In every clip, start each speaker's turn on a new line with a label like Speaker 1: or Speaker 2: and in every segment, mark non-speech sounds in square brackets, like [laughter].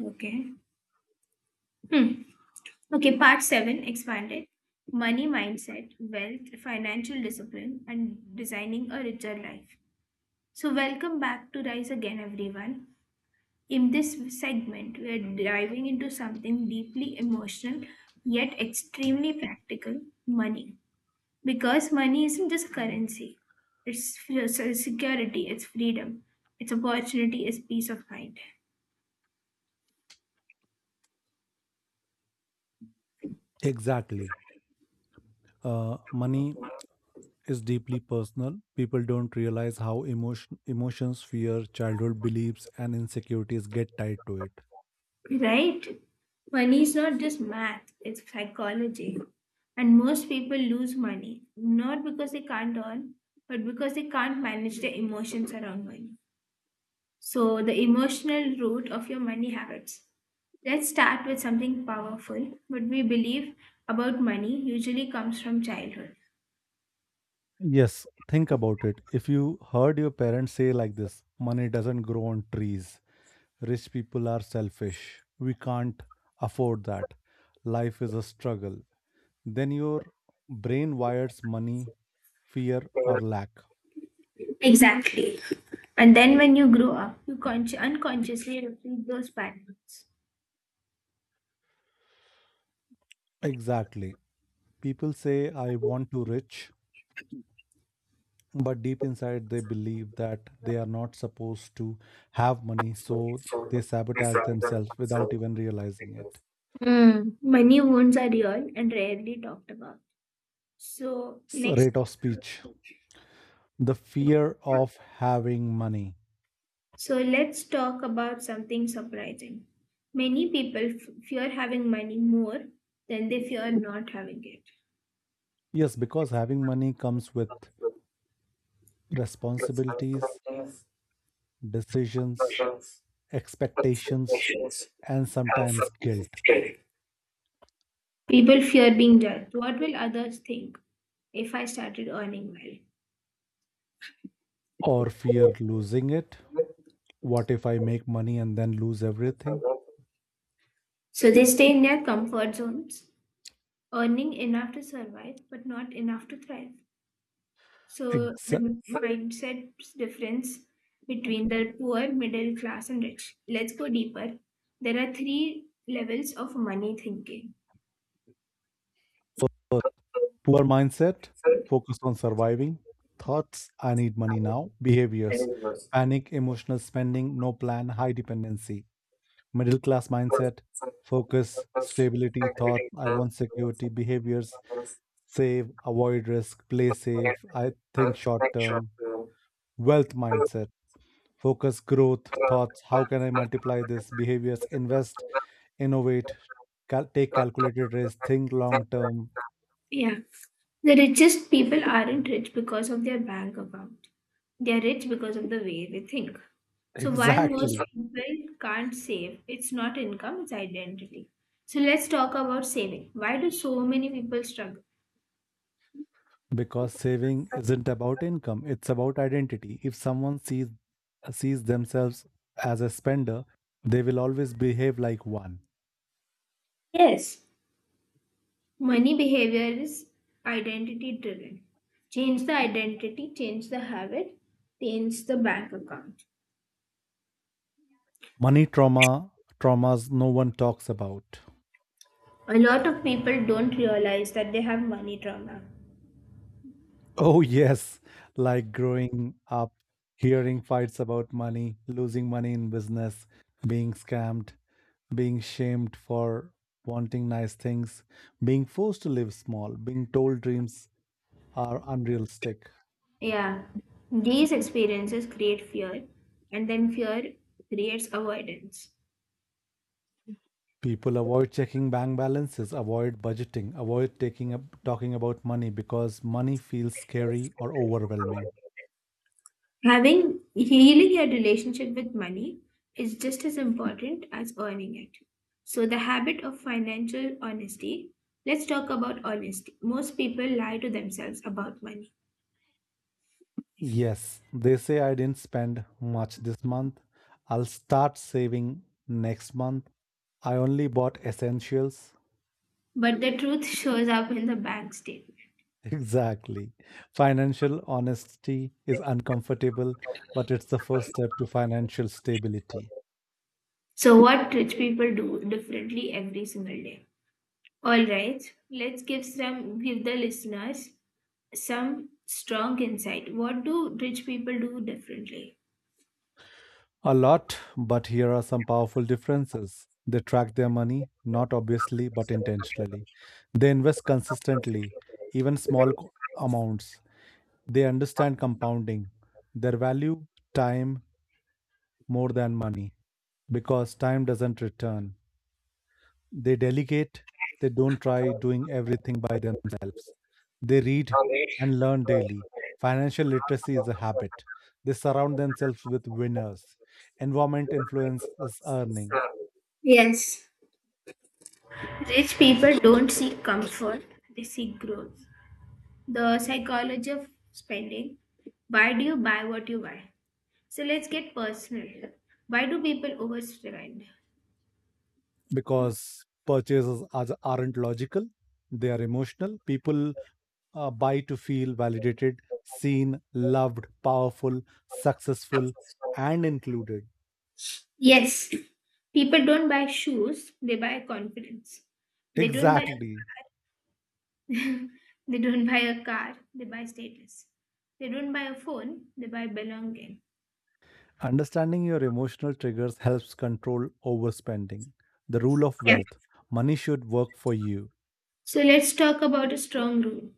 Speaker 1: Okay. Hmm. Okay, part seven expanded money mindset, wealth, financial discipline, and designing a richer life. So, welcome back to Rise Again, everyone. In this segment, we're diving into something deeply emotional yet extremely practical money. Because money isn't just currency, it's security, it's freedom, it's opportunity, it's peace of mind.
Speaker 2: Exactly. Money is deeply personal. People don't realize how emotions, fear, childhood beliefs, and insecurities get tied to it.
Speaker 1: Right? Money is not just math, it's psychology. And most people lose money, not because they can't earn, but because they can't manage their emotions around money. So, the emotional root of your money habits. Let's start with something powerful. What we believe about money usually comes from childhood.
Speaker 2: Yes, think about it. If you heard your parents say like this, money doesn't grow on trees, rich people are selfish, we can't afford that, life is a struggle, then your brain wires money, fear, or lack.
Speaker 1: Exactly. And then when you grow up, you unconsciously repeat those patterns.
Speaker 2: Exactly. People say, I want to rich but deep inside they believe that they are not supposed to have money so they sabotage themselves without even realizing it.
Speaker 1: Mm. Money wounds are real and rarely talked about. So, next,
Speaker 2: Rate of speech. The fear of having money.
Speaker 1: so let's talk about something surprising. Many people fear having money more than they fear not having it.
Speaker 2: Yes, because having money comes with responsibilities, decisions, expectations, and sometimes guilt.
Speaker 1: People fear being judged. What will others think if I started earning well?
Speaker 2: Or fear losing it. What if I make money and then lose everything?
Speaker 1: So, they stay in their comfort zones, earning enough to survive but not enough to thrive. So, the
Speaker 2: Exa-
Speaker 1: mindset difference between the poor, middle class, and rich. Let's go deeper. There are three levels of money thinking.
Speaker 2: so, poor mindset, focus on surviving. Thoughts, I need money now. Behaviors, panic, emotional spending, no plan, high dependency. Middle class mindset, focus, stability, thoughts, I want security. Behaviors, save, avoid risk, play safe, I think short term. Wealth mindset, focus, growth, thoughts, how can I multiply this? Behaviors, invest, innovate, take calculated risk, think long term.
Speaker 1: Yeah. The richest people aren't rich because of their bank account. They're rich because of the way they think.
Speaker 2: [laughs]
Speaker 1: So, why most
Speaker 2: Exactly.
Speaker 1: people can't save? It's not income, it's identity. So, let's talk about saving. Why do so many people struggle?
Speaker 2: Because saving isn't about income, it's about identity. If someone sees themselves as a spender, they will always behave like one.
Speaker 1: Yes, money behavior is identity driven. Change the identity, change the habit, change the bank account.
Speaker 2: Money traumas no one talks about.
Speaker 1: A lot of people don't realize that they have money trauma.
Speaker 2: Oh yes, like growing up, hearing fights about money, losing money in business, being scammed, being shamed for wanting nice things, being forced to live small, being told dreams are unrealistic.
Speaker 1: Yeah, these experiences create fear, and then fear creates avoidance.
Speaker 2: People avoid checking bank balances, avoid budgeting, avoid talking about money because money feels scary or overwhelming.
Speaker 1: Having healing your relationship with money is just as important as earning it. So, the habit of financial honesty, let's talk about honesty. Most people lie to themselves about money,
Speaker 2: Yes, they say I didn't spend much this month. I'll start saving next month. I only bought essentials. [laughs]
Speaker 1: but the truth [laughs] shows up in the bank statement.
Speaker 2: Exactly. Financial honesty is uncomfortable, but it's the first step to financial stability.
Speaker 1: So, what rich people do differently every single day? All right, let's give some give the listeners some strong insight. What do rich people do differently?
Speaker 2: A lot, but here are some powerful differences. They track their money, not obviously, but intentionally. They invest consistently, even small amounts. They understand compounding, their value, time, more than money, because time doesn't return. They delegate, they don't try doing everything by themselves. They read and learn daily. Financial literacy is a habit. They surround themselves with winners. Environment influences earning.
Speaker 1: Yes, rich people don't seek comfort; they seek growth. The psychology of spending. Why do you buy what you buy? So let's get personal. Why do people overspend?
Speaker 2: Because aren't logical, they are emotional. People buy to feel validated, seen, loved, powerful, successful, and included.
Speaker 1: Yes, people don't buy shoes; they buy confidence. They don't buy a
Speaker 2: Exactly.
Speaker 1: [laughs] They don't buy a car, they buy status. They don't buy a phone, they buy belonging.
Speaker 2: Understanding your emotional triggers helps control overspending. The rule of
Speaker 1: Yeah.
Speaker 2: wealth. Money should work for you.
Speaker 1: So let's talk about a strong rule.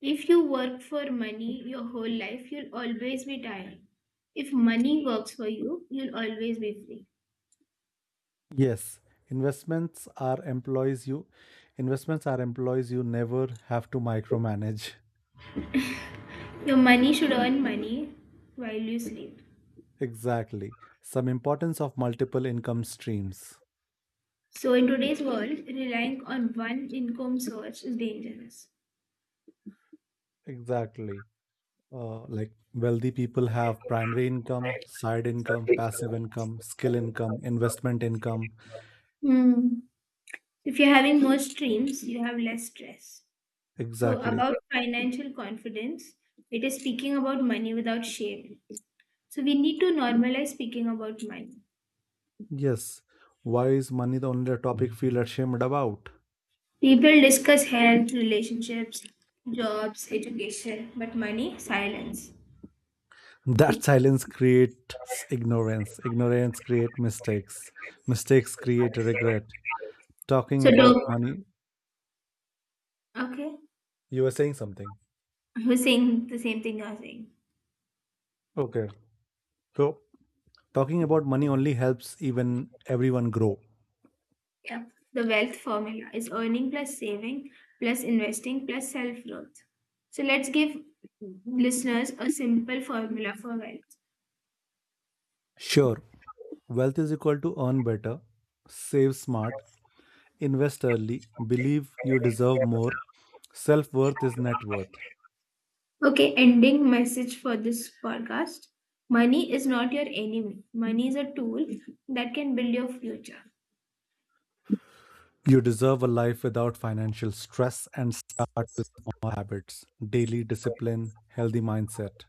Speaker 1: If you work for money your whole life, you'll always be tired. If money works for you, you'll always be free.
Speaker 2: Yes, investments are employees you investments are employees you never have to micromanage. [laughs]
Speaker 1: Your money should earn money while you sleep.
Speaker 2: Exactly. Some importance of multiple income streams.
Speaker 1: So, in today's world, relying on one income source is dangerous.
Speaker 2: Exactly. Like wealthy people have primary income, side income, passive income, skill income, investment income.
Speaker 1: Hmm. If you're having more streams, you have less stress. So,
Speaker 2: Exactly.
Speaker 1: about financial confidence, it is speaking about money without shame. So, we need to normalize speaking about money.
Speaker 2: Yes. Why is money the only topic feel ashamed about?
Speaker 1: People discuss health, relationships, jobs, education, but money, silence.
Speaker 2: That silence creates ignorance. Ignorance creates mistakes. Mistakes create regret. Talking
Speaker 1: So,
Speaker 2: about
Speaker 1: do
Speaker 2: money,
Speaker 1: okay,
Speaker 2: you were saying something.
Speaker 1: we're saying the same thing you're saying.
Speaker 2: Okay. So, talking about money only helps even everyone grow.
Speaker 1: Yeah, the wealth formula is earning plus saving plus investing plus self growth. So, let's give listeners a simple formula for wealth.
Speaker 2: Sure, wealth is equal to earn better, save smart, invest early, believe you deserve more. Self worth is net worth.
Speaker 1: Okay, ending message for this podcast. Money is not your enemy. Money is a tool that can build your future.
Speaker 2: You deserve a life without financial stress and start with small habits, daily discipline, healthy mindset,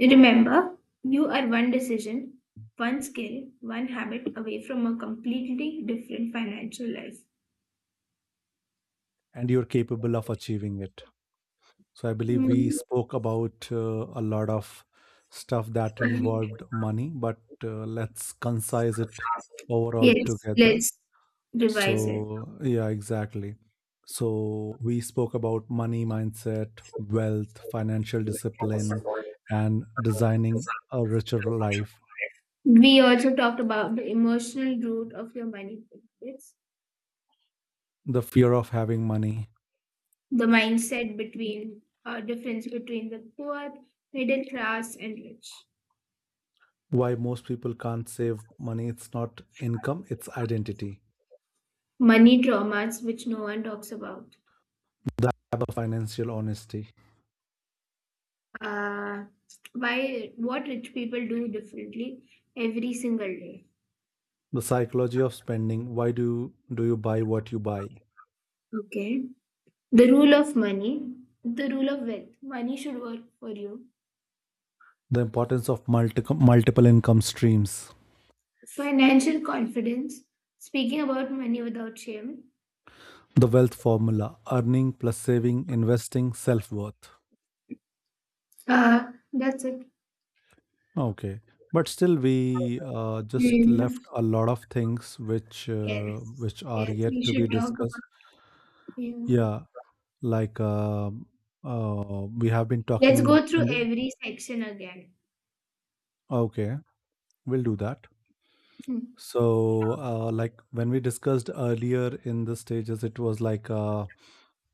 Speaker 1: Remember, you are one decision, one skill, one habit away from a completely different financial life.
Speaker 2: and you're capable of achieving it. So, I believe we
Speaker 1: Mm.
Speaker 2: spoke about a lot of stuff that involved money, but let's concise it overall
Speaker 1: Yes,
Speaker 2: together.
Speaker 1: let's revise it.
Speaker 2: So, yeah, exactly. So, we spoke about money mindset, wealth, financial discipline, and designing a richer life.
Speaker 1: We also talked about the emotional root of your money habits,
Speaker 2: The fear of having money.
Speaker 1: the mindset between difference between the poor, middle class, and rich.
Speaker 2: Why most people can't save money. It's not income, it's identity.
Speaker 1: Money traumas, which no one talks about.
Speaker 2: The lack of financial honesty.
Speaker 1: Uh, why? What rich people do differently every single day.
Speaker 2: The psychology of spending. Why do you buy what you buy?
Speaker 1: Okay. The rule of money, the rule of wealth. Money should work for you.
Speaker 2: The importance of multiple income streams.
Speaker 1: Financial confidence, speaking about money without shame.
Speaker 2: The wealth formula, earning plus saving, investing, self-worth.
Speaker 1: That's it.
Speaker 2: Okay, but still we just
Speaker 1: Mm.
Speaker 2: left a lot of things
Speaker 1: Yes.
Speaker 2: which are
Speaker 1: Yes.
Speaker 2: yet
Speaker 1: We
Speaker 2: to
Speaker 1: should
Speaker 2: be
Speaker 1: talk
Speaker 2: discussed.
Speaker 1: about. Yeah.
Speaker 2: yeah like um we have been
Speaker 1: Let's
Speaker 2: talking
Speaker 1: go through
Speaker 2: in the,
Speaker 1: every section again.
Speaker 2: okay, we'll do that. So like when we discussed earlier in the stages it was like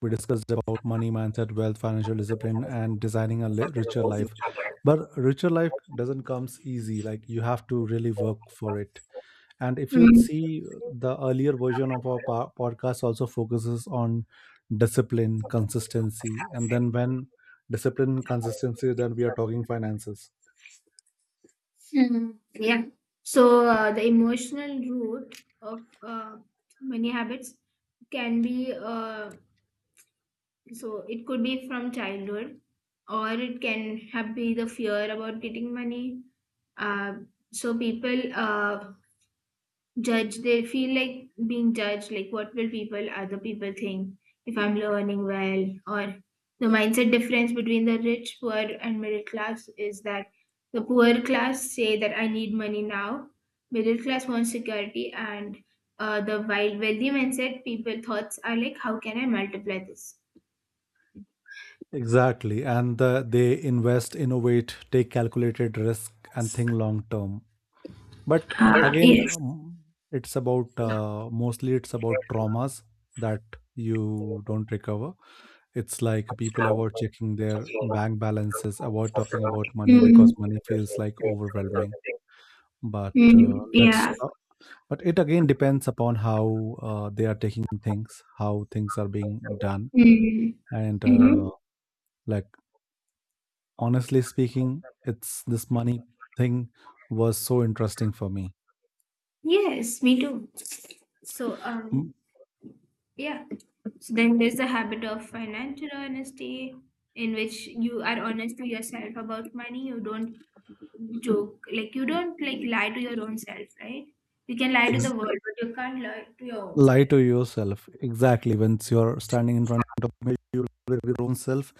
Speaker 2: we discussed about money mindset, wealth, financial discipline, and designing a richer life. But richer life doesn't comes easy, like you have to really work for it. And if you
Speaker 1: Hmm.
Speaker 2: see the earlier version of our podcast also focuses on discipline, consistency, and then we are talking finances.
Speaker 1: Mm, yeah. So the emotional root of many habits can be, so it could be from childhood, or it can have be the fear about getting money. Uh, so people judge, they feel like being judged, like what will people other people think if I'm learning well, or the mindset difference between the rich, poor and middle class is that the poor class say that I need money now, middle class wants security, and the wild wealthy mindset people thoughts are like how can I multiply this?
Speaker 2: Exactly. And they invest, innovate, take calculated risk, and think long term. But
Speaker 1: Ah,
Speaker 2: again,
Speaker 1: yes.
Speaker 2: it's about mostly it's about traumas that you don't recover. It's like people avoid checking their bank balances, avoid talking about money because
Speaker 1: Mm,
Speaker 2: money feels like overwhelming. But
Speaker 1: mm,
Speaker 2: let's
Speaker 1: yeah.
Speaker 2: talk. But it again depends upon how they are taking things, how things are being done,
Speaker 1: Mm,
Speaker 2: and
Speaker 1: mhm.
Speaker 2: like honestly speaking, it's this money thing was so interesting for me.
Speaker 1: Yes, me too. So, um,
Speaker 2: Mm,
Speaker 1: yeah. So then there's the habit of financial honesty, in which you are honest to yourself about money. You don't joke, like you don't like lie to your own self, right? You can lie to
Speaker 2: ex-
Speaker 1: the world, but you can't lie to your own
Speaker 2: lie
Speaker 1: self.
Speaker 2: to yourself. Exactly. Once you're standing in front of me you lie to your own self,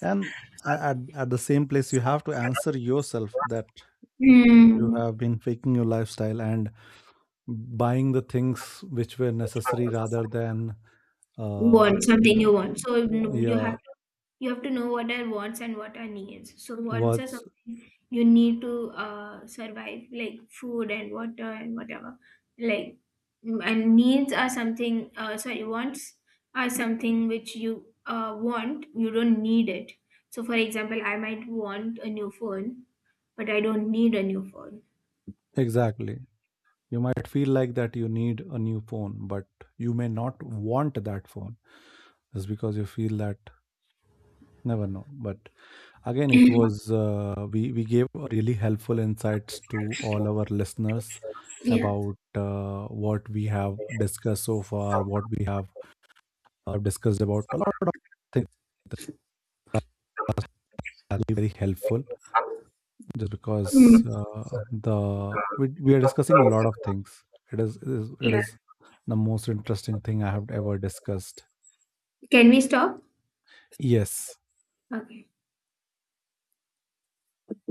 Speaker 2: and at, the same place you have to answer yourself that you
Speaker 1: Hmm.
Speaker 2: have been faking your lifestyle and buying the things which were necessary rather than uh
Speaker 1: Want something
Speaker 2: the-
Speaker 1: you want, so you know,
Speaker 2: yeah.
Speaker 1: you have to know what are wants and what are needs. So wants are
Speaker 2: What's
Speaker 1: something you need to survive, like food and water and whatever. Like mm, and needs are something. Sorry, wants are something which you want. You don't need it. So for example, I might want a new phone, but I don't need a new phone.
Speaker 2: exactly? You might feel like that you need a new phone, but you may not want that phone just because you feel that, never know. But again, it
Speaker 1: [laughs]
Speaker 2: was we gave really helpful insights to all our listeners
Speaker 1: Yeah.
Speaker 2: about what we have discussed so far, what we have discussed about a lot of things. The podcast has been very helpful just because
Speaker 1: Mm,
Speaker 2: we are discussing a lot of things. It is, it is it
Speaker 1: yeah.
Speaker 2: is the most interesting thing I have ever discussed.
Speaker 1: Can we stop?
Speaker 2: Yes.
Speaker 1: Okay.